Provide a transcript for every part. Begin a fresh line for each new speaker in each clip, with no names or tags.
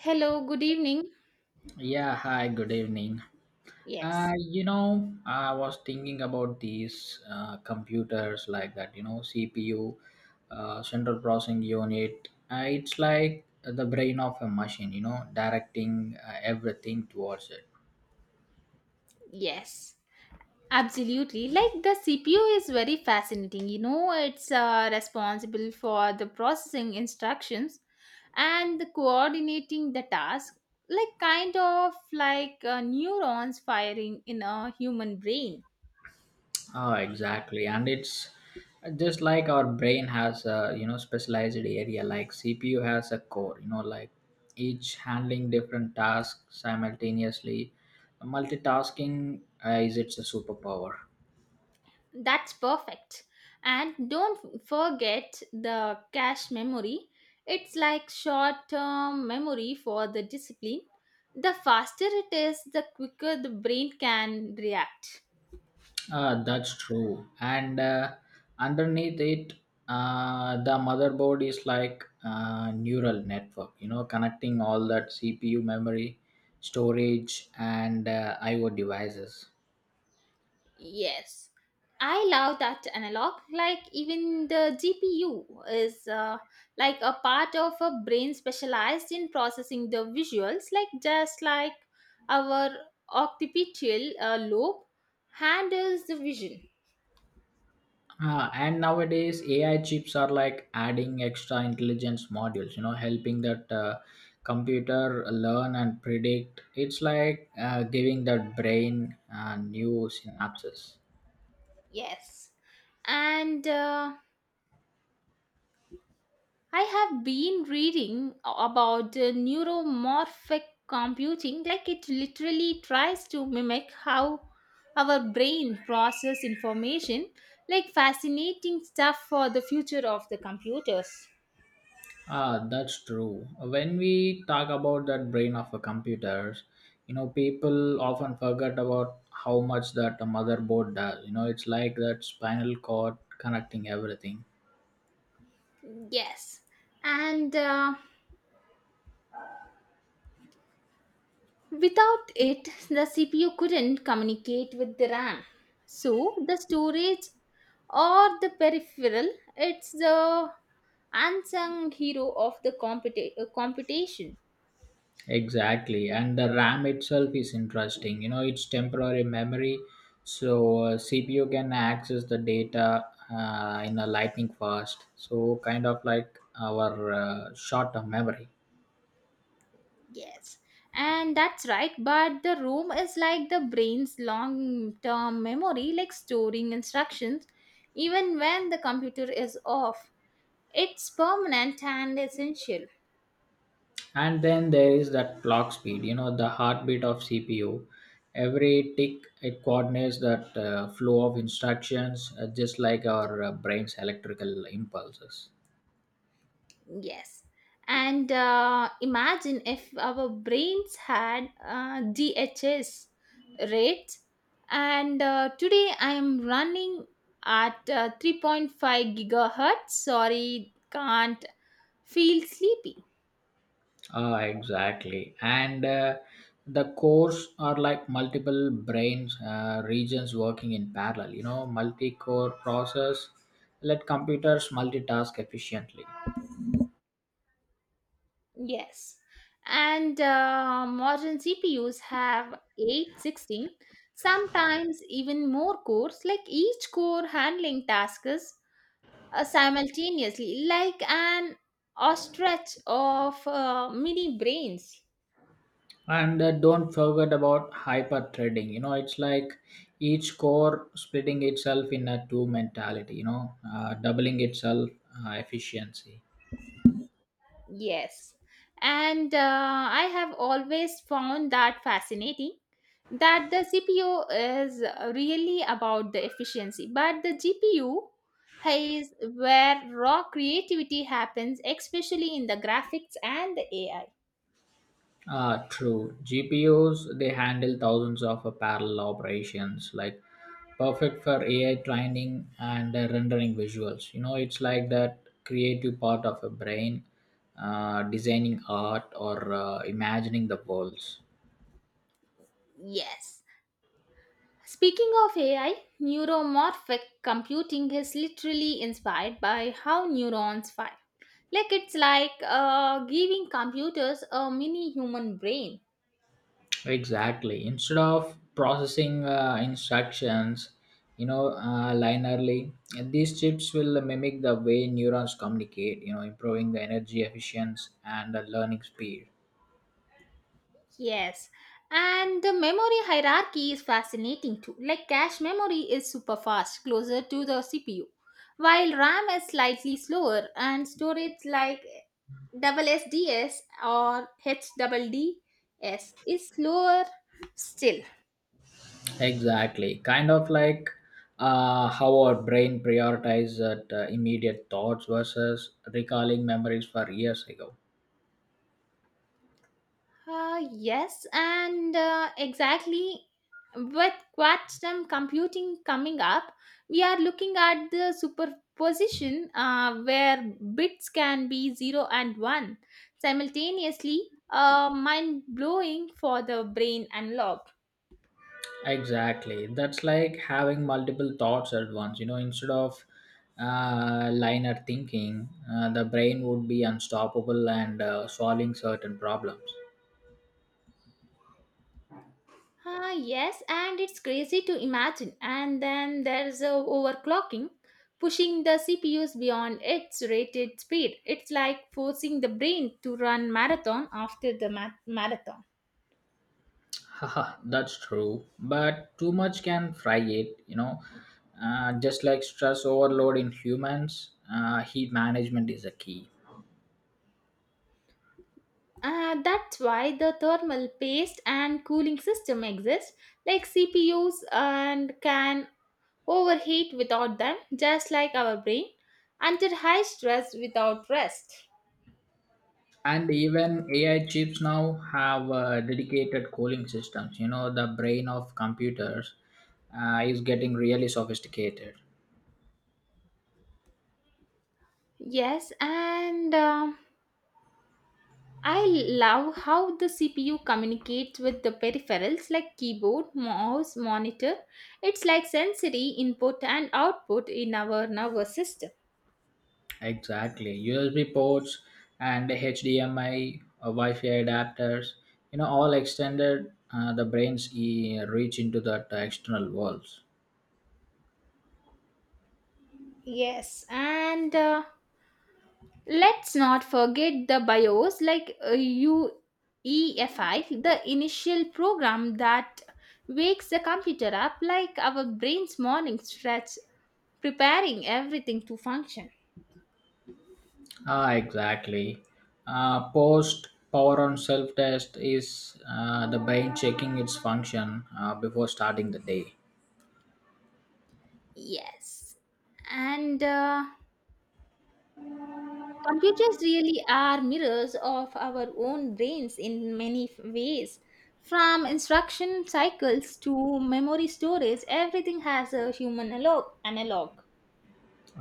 Hello, good evening.
Yeah, hi, good evening.
Yes,
You know, I was thinking about these computers like that, you know, CPU, central processing unit. It's like the brain of a machine, you know, directing everything towards it.
yes, absolutely. Like the CPU is very fascinating. You know, it's responsible for the processing instructions and the coordinating the task, like kind of like neurons firing in a human brain.
Oh, exactly, and it's just like our brain has a specialized area. Like CPU has a core, you know, like each handling different tasks simultaneously. Multitasking is its a superpower.
That's perfect. And don't forget the cache memory. It's like short term memory for the discipline. The faster it is, the quicker the brain can react.
That's true, and underneath it, the motherboard is like a neural network. You know, connecting all that CPU memory, storage, and I/O devices.
Yes, I love that analog. Like, even the GPU is like a part of a brain specialized in processing the visuals, like just like our occipital lobe handles the vision.
And nowadays, AI chips are like adding extra intelligence modules, you know, helping that computer learn and predict. It's like giving that brain new synapses.
Yes. And I have been reading about the neuromorphic computing, like it literally tries to mimic how our brain process information, like fascinating stuff for the future of the computers.
Ah, that's true. When we talk about that brain of a computers, you know, people often forget about how much that a motherboard does. You know, it's like that spinal cord connecting everything.
Yes. And Without it, the CPU couldn't communicate with the RAM. So the storage or the peripheral, it's the unsung hero of the computation.
Exactly, and the RAM itself is interesting. You know, it's temporary memory, so CPU can access the data in a lightning fast. So kind of like our short-term memory.
Yes, and that's right. But the ROM is like the brain's long-term memory, like storing instructions, even when the computer is off. It's permanent and essential.
And then there is that clock speed. You know, the heartbeat of CPU. Every tick it coordinates that flow of instructions, just like our brain's electrical impulses.
Yes. And imagine if our brains had DHS rates. And today I am running at 3.5 gigahertz. Sorry, can't feel sleepy.
Ah, exactly. And the cores are like multiple brain regions working in parallel. You know, multi-core process let computers multitask efficiently.
Yes. And Modern CPUs have 8, 16, sometimes even more cores, like each core handling tasks simultaneously, like an ostrich of mini brains.
And don't forget about hyper-threading. You know, it's like each core splitting itself in a two mentality. You know, doubling itself efficiency.
Yes. And I have always found that fascinating that the CPU is really about the efficiency, but the GPU is where raw creativity happens, especially in the graphics and the AI.
Ah, true. G P U's they handle thousands of parallel operations, like perfect for AI training and rendering visuals. You know, it's like that creative part of a brain, designing art or imagining the worlds.
Yes. Speaking of AI, neuromorphic computing is literally inspired by how neurons fire. Like it's like giving computers a mini human brain.
Exactly. Instead of processing instructions, you know, linearly, these chips will mimic the way neurons communicate. You know, improving the energy efficiency and the learning speed.
Yes, and the memory hierarchy is fascinating too. Like cache memory is super fast, closer to the CPU, while RAM is slightly slower, and storage like double SDS or H double D S is slower still.
Exactly. Kind of like how our brain prioritizes immediate thoughts versus recalling memories for years ago.
Yes, and exactly with quantum computing coming up, we are looking at the superposition where bits can be 0 and 1 simultaneously, mind blowing for the brain and
Exactly. That's like having multiple thoughts at once. You know, instead of linear thinking, the brain would be unstoppable and solving certain problems.
ah, yes, and it's crazy to imagine. And then there's overclocking, pushing the CPUs beyond its rated speed. It's like forcing the brain to run marathon after the marathon.
Haha, that's true. But too much can fry it, you know. Just like stress overload in humans, heat management is a key.
That's why the thermal paste and cooling system exist, like CPUs, and can overheat without them, just like our brain, under high stress without rest.
And even AI chips now have dedicated cooling systems. You know, the brain of computers is getting really sophisticated.
Yes, and I love how the CPU communicates with the peripherals like keyboard, mouse, monitor. It's like sensory input and output in our nervous system.
Exactly. USB ports and HDMI, Wi-Fi adapters. You know, all extended the brain's reach into the external worlds.
Yes, and let's not forget the BIOS like UEFI, the initial program that wakes the computer up like our brain's morning stretch, preparing everything to function.
Ah, exactly. Post power on self test is the brain checking its function before starting the day.
Yes. And Computers really are mirrors of our own brains in many ways. From instruction cycles to memory storage, everything has a human analog.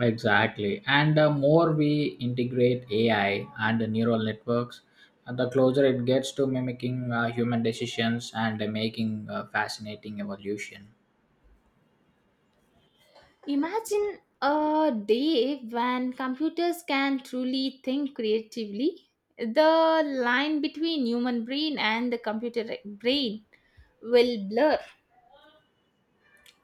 Exactly. And the more we integrate AI and the neural networks, the closer it gets to mimicking human decisions and making fascinating evolution.
Imagine a day when computers can truly think creatively. The line between human brain and the computer brain will blur.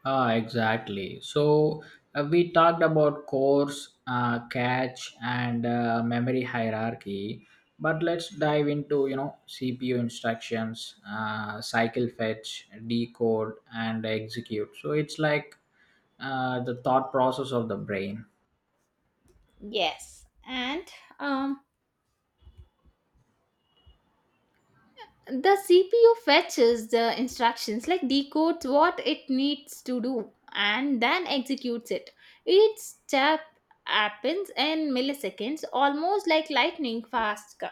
Ah, exactly. So we talked about course, cache, and memory hierarchy, but let's dive into you know CPU instructions, cycle fetch, decode, and execute. So it's like the thought process of the brain.
Yes, and um, the CPU fetches the instructions, like decodes what it needs to do, and then executes it. Each step happens in milliseconds, almost like lightning fast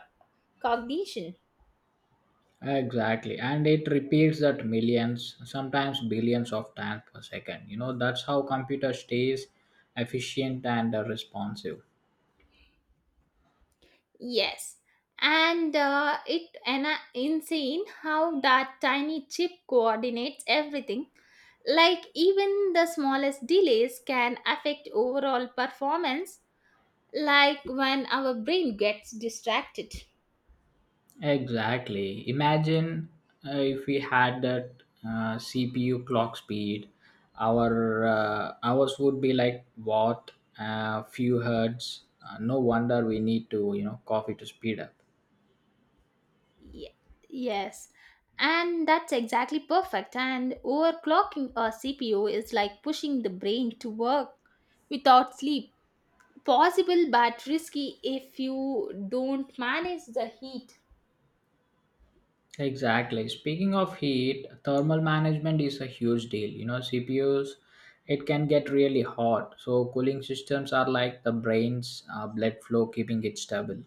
cognition.
Exactly, and it repeats that millions, sometimes billions of times per second. You know, that's how computer stays efficient and responsive.
Yes, and it and insane how that tiny chip coordinates everything. Like even the smallest delays can affect overall performance. Like when our brain gets distracted.
Exactly. Imagine if we had that CPU clock speed, our hours would be like what, few hertz. No wonder we need to, you know, coffee to speed up.
Ye- yes, and that's exactly perfect. And overclocking a CPU is like pushing the brain to work without sleep. Possible but risky if you don't manage the heat.
Exactly. Speaking of heat, thermal management is a huge deal. You know, CPUs, it can get really hot. So, cooling systems are like the brain's blood flow, keeping it stable.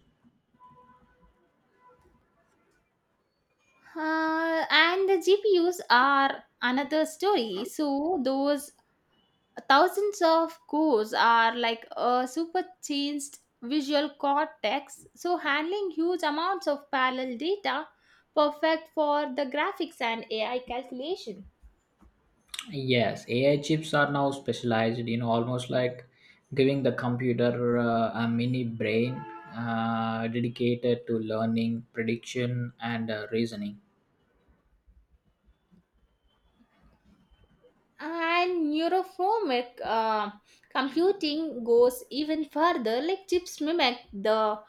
And the GPUs are another story. So those thousands of cores are like a super changed visual cortex. So handling huge amounts of parallel data, perfect for the graphics and AI calculation.
Yes, AI chips are now specialized, you know, almost like giving the computer a mini brain dedicated to learning, prediction, and reasoning.
And neuroformic computing goes even further like chips mimic the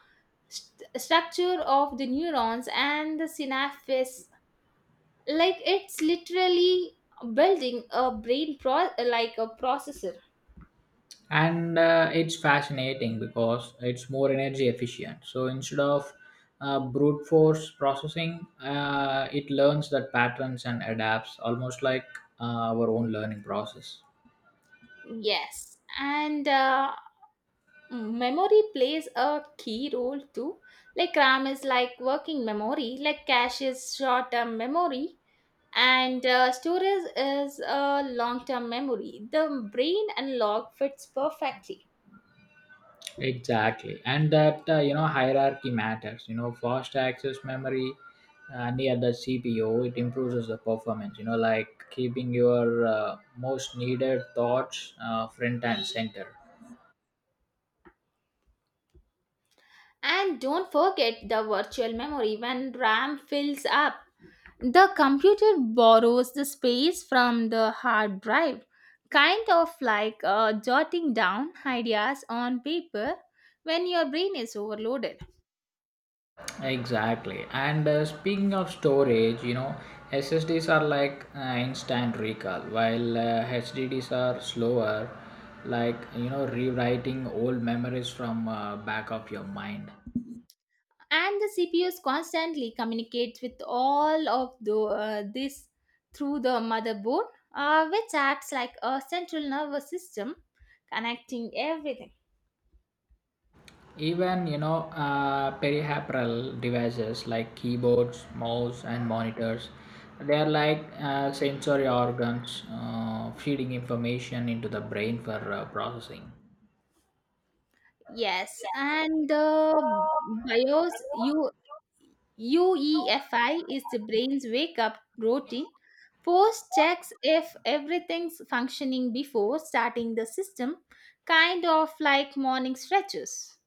structure of the neurons and the synapses, like it's literally building a brain pro- like a processor.
And it's fascinating because it's more energy efficient. So instead of brute force processing, it learns that patterns and adapts, almost like our own learning process.
Yes, and memory plays a key role too. Like RAM is like working memory, like cache is short term memory, and storage is a long-term memory. The brain and log fits perfectly.
Exactly, and that you know hierarchy matters. You know, fast access memory near the CPU it improves the performance. You know, like keeping your most needed thoughts front and center.
And don't forget the virtual memory. When RAM fills up, the computer borrows the space from the hard drive, kind of like jotting down ideas on paper when your brain is overloaded.
Exactly. And speaking of storage, you know, SSDs are like instant recall, while HDDs are slower, like, you know, rewriting old memories from back of your mind.
And the CPUs constantly communicates with all of the this through the motherboard, which acts like a central nervous system connecting everything.
Even, you know, peripheral devices like keyboards, mouse, and monitors, they are like sensory organs feeding information into the brain for processing.
Yes, and BIOS U UEFI is the brain's wake up routine. Post checks if everything's functioning before starting the system, kind of like morning stretches.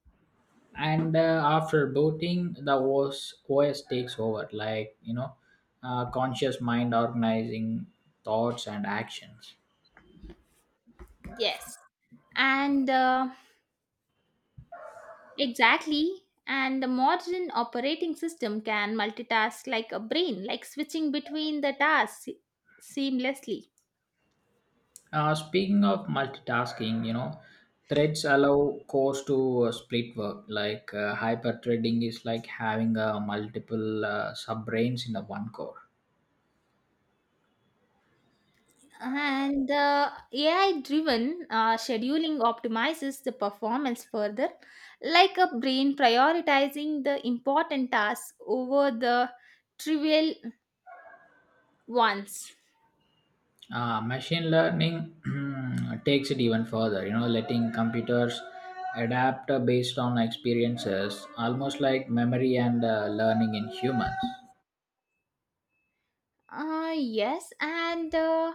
And after booting the OS takes over, like you know conscious mind organizing thoughts and actions.
Yes. And Exactly. And the modern operating system can multitask like a brain, like switching between the tasks seamlessly.
Speaking of multitasking, you know, threads allow cores to split work, like hyper threading is like having multiple sub brains in a one core.
And the AI driven scheduling optimizes the performance further, like a brain prioritizing the important tasks over the trivial ones.
Machine learning takes it even further, you know, letting computers adapt based on experiences, almost like memory and learning in humans.
Yes, and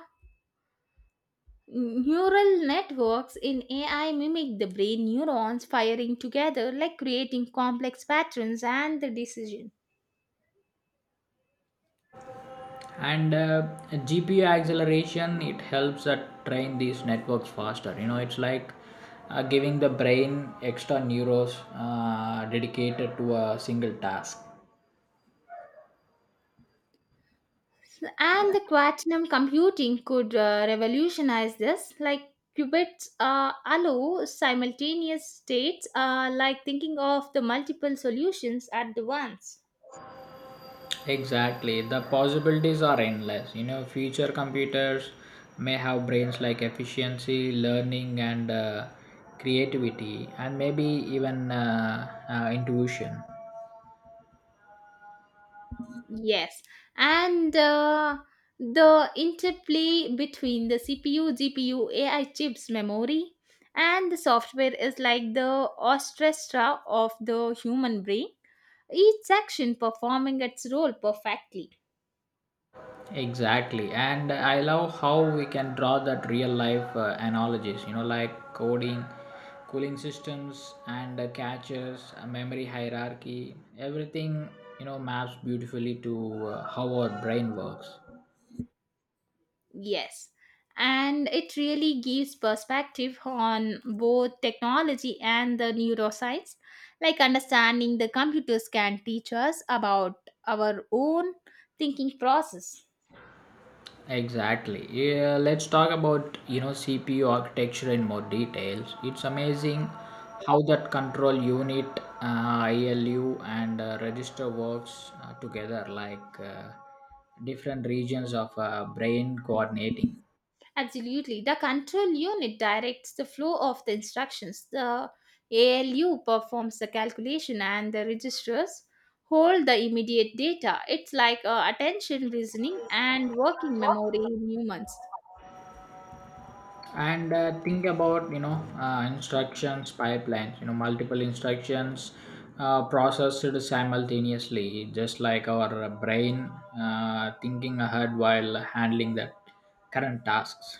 Neural networks in AI mimic the brain neurons firing together, like creating complex patterns and the decision.
And GPU acceleration it helps train these networks faster, you know, it's like giving the brain extra neurons dedicated to a single task.
And the quantum computing could revolutionize this, like qubits allow simultaneous states, like thinking of the multiple solutions at the once.
Exactly. The possibilities are endless. You know, future computers may have brains like efficiency, learning, and creativity, and maybe even intuition.
Yes, and the interplay between the CPU, GPU, AI chips, memory, and the software is like the orchestra of the human brain, each section performing its role perfectly.
Exactly. And I love how we can draw that real life analogies, you know, like coding, cooling systems, and caches, memory hierarchy. Everything, you know, maps beautifully to how our brain works.
Yes, and it really gives perspective on both technology and the neuroscience. Like understanding the computers can teach us about our own thinking process.
Exactly. Yeah, let's talk about you know CPU architecture in more details. It's amazing how that control unit, ILU, and register works together, like different regions of brain coordinating.
Absolutely. The control unit directs the flow of the instructions. The ALU performs the calculation and the registers hold the immediate data. It's like attention reasoning and working memory in humans.
And think about you know instructions pipelines. You know, multiple instructions processed simultaneously, just like our brain thinking ahead while handling the current tasks.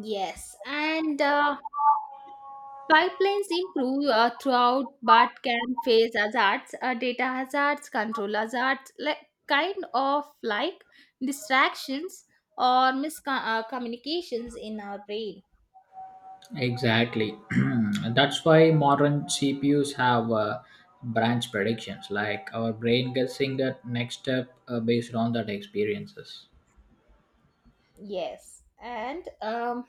Yes, and pipelines improve throughout but can face hazards, data hazards, control hazards, like kind of like distractions or miscommunications communications in our brain.
Exactly. That's why modern CPUs have branch predictions, like our brain guessing the next step based on that experiences.
Yes. And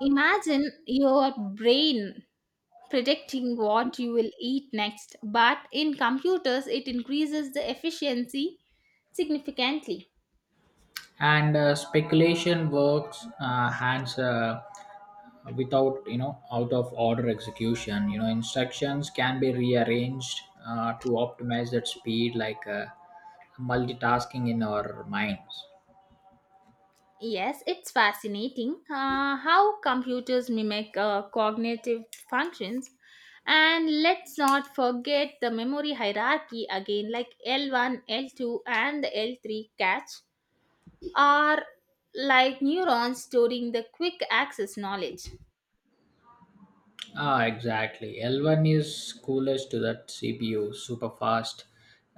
imagine your brain predicting what you will eat next, but in computers, it increases the efficiency significantly.
And speculation works hands, without you know out of order execution. You know, instructions can be rearranged to optimize that speed, like multitasking in our minds.
Yes, it's fascinating how computers mimic cognitive functions. And let's not forget the memory hierarchy again, like L1, L2, and the L3 catch are like neurons storing the quick access knowledge.
Ah, exactly. L1 is coolest to that CPU, super fast,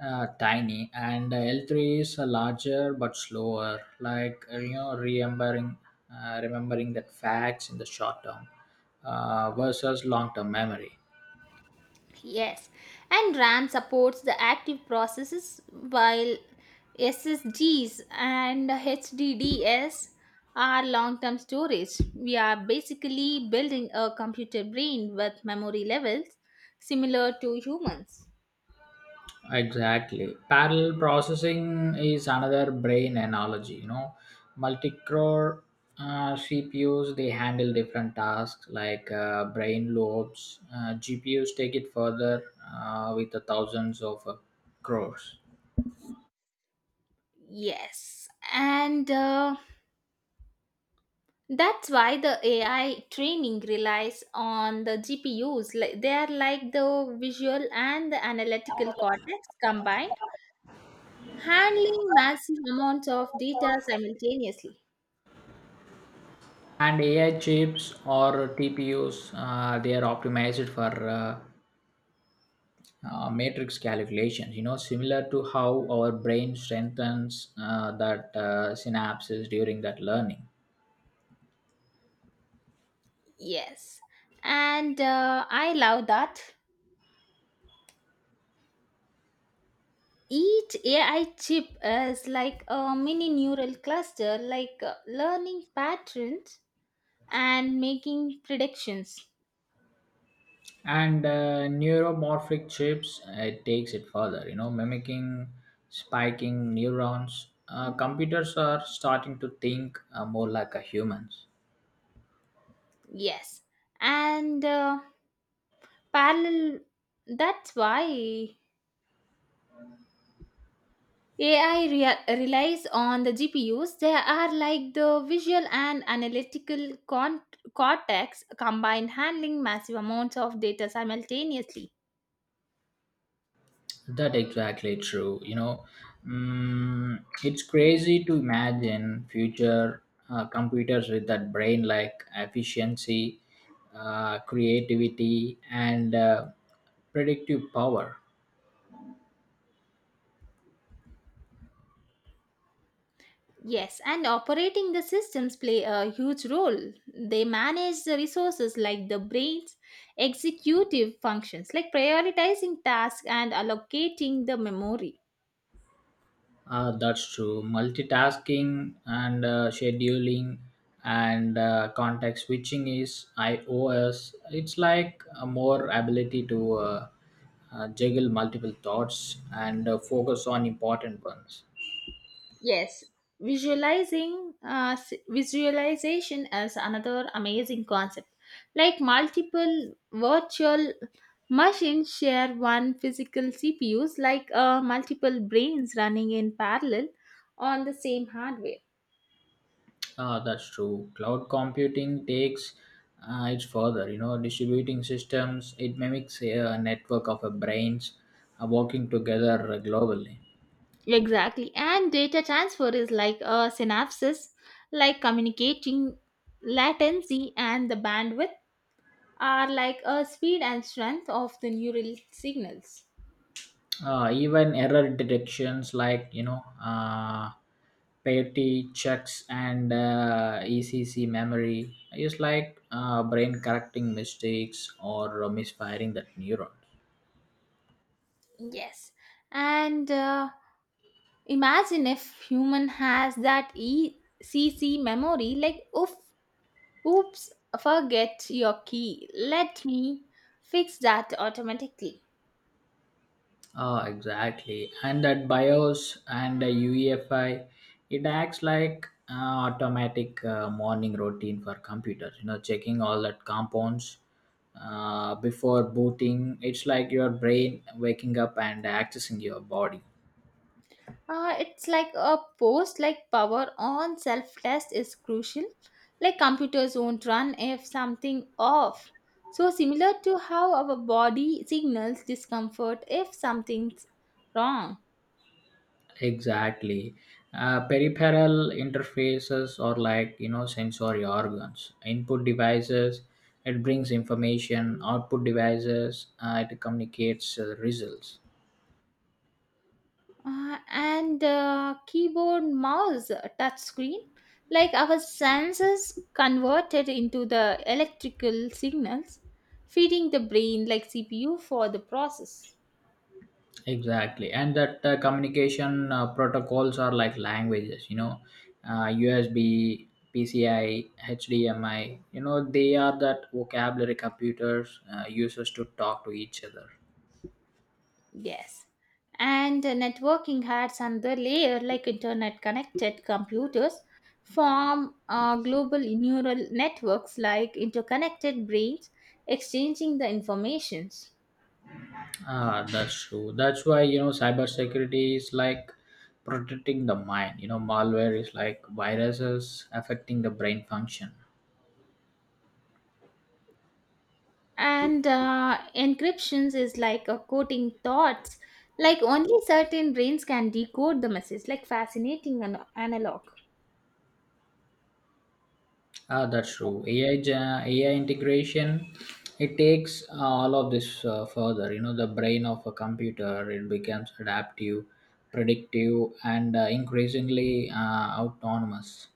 tiny, and L3 is larger but slower. Like you know, remembering that facts in the short term versus long term memory.
Yes, and RAM supports the active processes while SSDs and HDDs are long term storage. We are basically building a computer brain with memory levels similar to humans.
Exactly. Parallel processing is another brain analogy. You know, multi-core CPUs they handle different tasks like brain lobes. GPUs take it further with the thousands of crores.
Yes, and that's why the AI training relies on the GPUs. Like they are like the visual and the analytical cortex combined, handling massive amounts of data simultaneously.
And AI chips or TPUs they are optimized for matrix calculations. You know, similar to how our brain strengthens that synapses during that learning.
Yes, and I love that. Each AI chip is like a mini neural cluster, like learning patterns and making predictions.
And neuromorphic chips it takes it further, you know, mimicking spiking neurons. Computers are starting to think more like a humans.
Yes, and parallel. That's why relies on the GPUs. They are like the visual and analytical cortex combined, handling massive amounts of data simultaneously.
That exactly true, you know. It's crazy to imagine future computers with that brain like efficiency, creativity, and predictive power.
Yes, and operating the systems play a huge role. They manage the resources like the brain's executive functions, like prioritizing tasks and allocating the memory.
That's true. Multitasking and scheduling and context switching is iOS. It's like a more ability to juggle multiple thoughts and focus on important ones.
Yes, visualization is another amazing concept. Like multiple virtual machines share one physical CPUs, like multiple brains running in parallel on the same hardware.
Ah, that's true. Cloud computing takes it further. You know, distributing systems. It mimics a, network of a brains working together globally.
Exactly, and data transfer is like a synapses, like communicating latency and the bandwidth are like a speed and strength of the neural signals.
Even error detections like you know petty checks and ECC memory is like brain correcting mistakes or misfiring that neuron.
Yes. And imagine if human has that ECC memory like oof, oops, forget your key. Let me fix that automatically.
Ah, exactly. And that BIOS and the UEFI, it acts like automatic morning routine for computers. You know, checking all that compounds before booting. It's like your brain waking up and accessing your body.
It's like a post like Power on self test is crucial. Like computers won't run if something off. So similar to how our body signals discomfort if something's wrong.
Exactly. Peripheral interfaces are like, you know, sensory organs. Input devices, it brings information. Output devices, it communicates results.
And Keyboard, mouse, touch screen, like our senses converted into the electrical signals feeding the brain like CPU for the process.
Exactly. And that communication protocols are like languages, you know, USB, PCI, HDMI, you know, they are that vocabulary computers uses to talk to each other.
Yes, and networking adds another layer, like internet connected computers form global neural networks, like interconnected brains exchanging the informations.
Ah, that's true. That's why you know cybersecurity is like protecting the mind. You know, malware is like viruses affecting the brain function.
And encryptions is like a coding thoughts, like only certain brains can decode the message, like fascinating and analog.
Ah, that's true. AI integration, it takes all of this further. You know, the brain of a computer it becomes adaptive, predictive, and increasingly autonomous.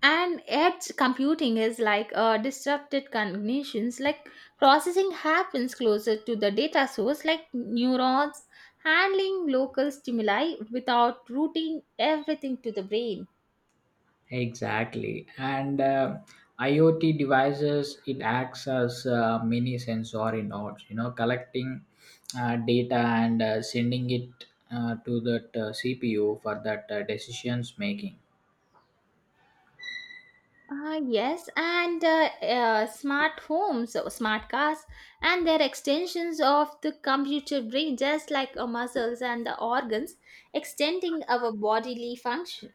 And edge computing is like disrupted cognitions, like processing happens closer to the data source, like neurons handling local stimuli without routing everything to the brain.
Exactly. And IoT devices, it acts as mini sensory nodes, you know, collecting data and sending it to that CPU for that decisions making.
Yes, and Smart homes, or smart cars, and they're extensions of the computer brain, just like our muscles and the organs, extending our bodily function.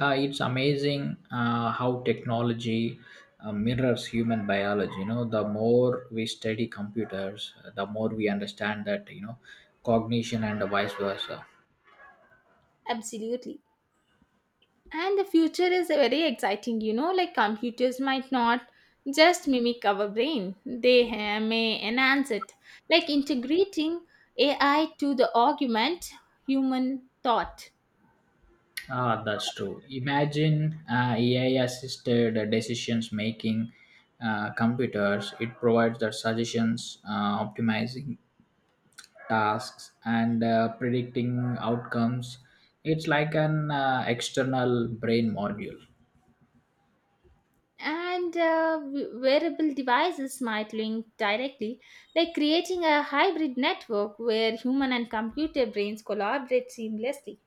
It's amazing how technology mirrors human biology. You know, the more we study computers, the more we understand that, you know, cognition and vice versa.
Absolutely. And the future is very exciting, you know, like computers might not just mimic our brain, they may enhance it, like integrating AI to the augment human thought.
Ah, that's true. Imagine AI-assisted decisions making computers. It provides the suggestions, optimizing tasks, and predicting outcomes. It's like an external brain module.
And wearable devices might link directly, like creating a hybrid network where human and computer brains collaborate seamlessly.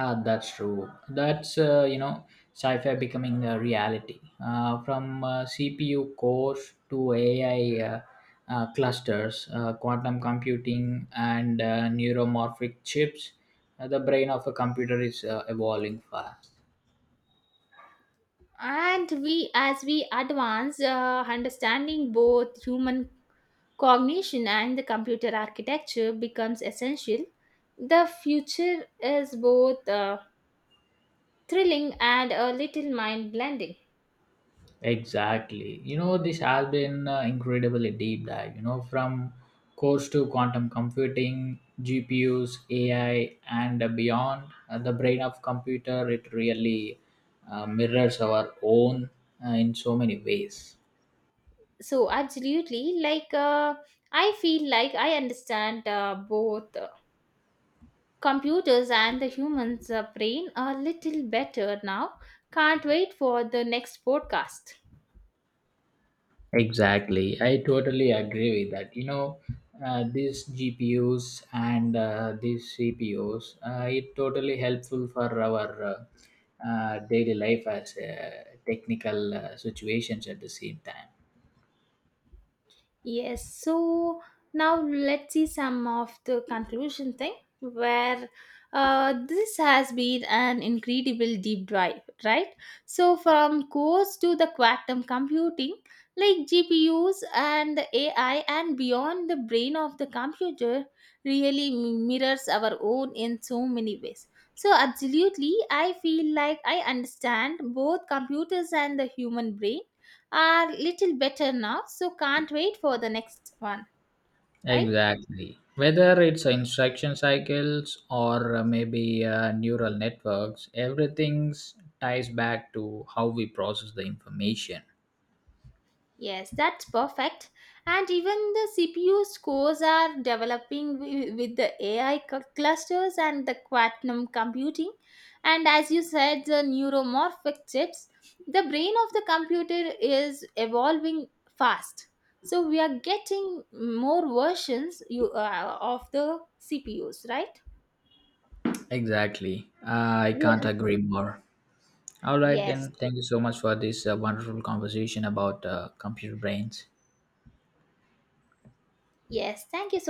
Ah, that's true. That's you know, sci-fi becoming a reality. From CPU cores to AI clusters, quantum computing, and neuromorphic chips, the brain of a computer is evolving fast.
And we, as we advance, understanding both human cognition and the computer architecture becomes essential. The future is both thrilling and a little mind blending.
Exactly. You know, this has been incredibly deep dive, you know, from cores to quantum computing, GPUs, AI, and beyond. The brain of computer, it really mirrors our own in so many ways.
So, absolutely, like I feel like I understand both computers and the humans brain a little better now. Can't wait for the next podcast.
Exactly, I totally agree with that. You know, these GPUs and these CPUs, it totally helpful for our daily life as technical situations at the same time.
Yes, so now let's see some of the conclusion thing where this has been an incredible deep dive, right? So, from cores to the quantum computing, like GPUs and AI and beyond the brain of the computer, really mirrors our own in so many ways. So, absolutely, I feel like I understand both computers and the human brain are little better now, so can't wait for the next one. Right.
Exactly. Whether it's instruction cycles or maybe neural networks, everything ties back to how we process the information.
Yes, that's perfect. And even the CPU scores are developing with the AI clusters and the quantum computing, and as you said the neuromorphic chips, the brain of the computer is evolving fast. So we are getting more versions you of the CPUs, right?
Exactly. I
Yes.
can't agree more. All right,
Yes.
then. Thank you so much for this wonderful conversation about computer brains.
Yes, thank you so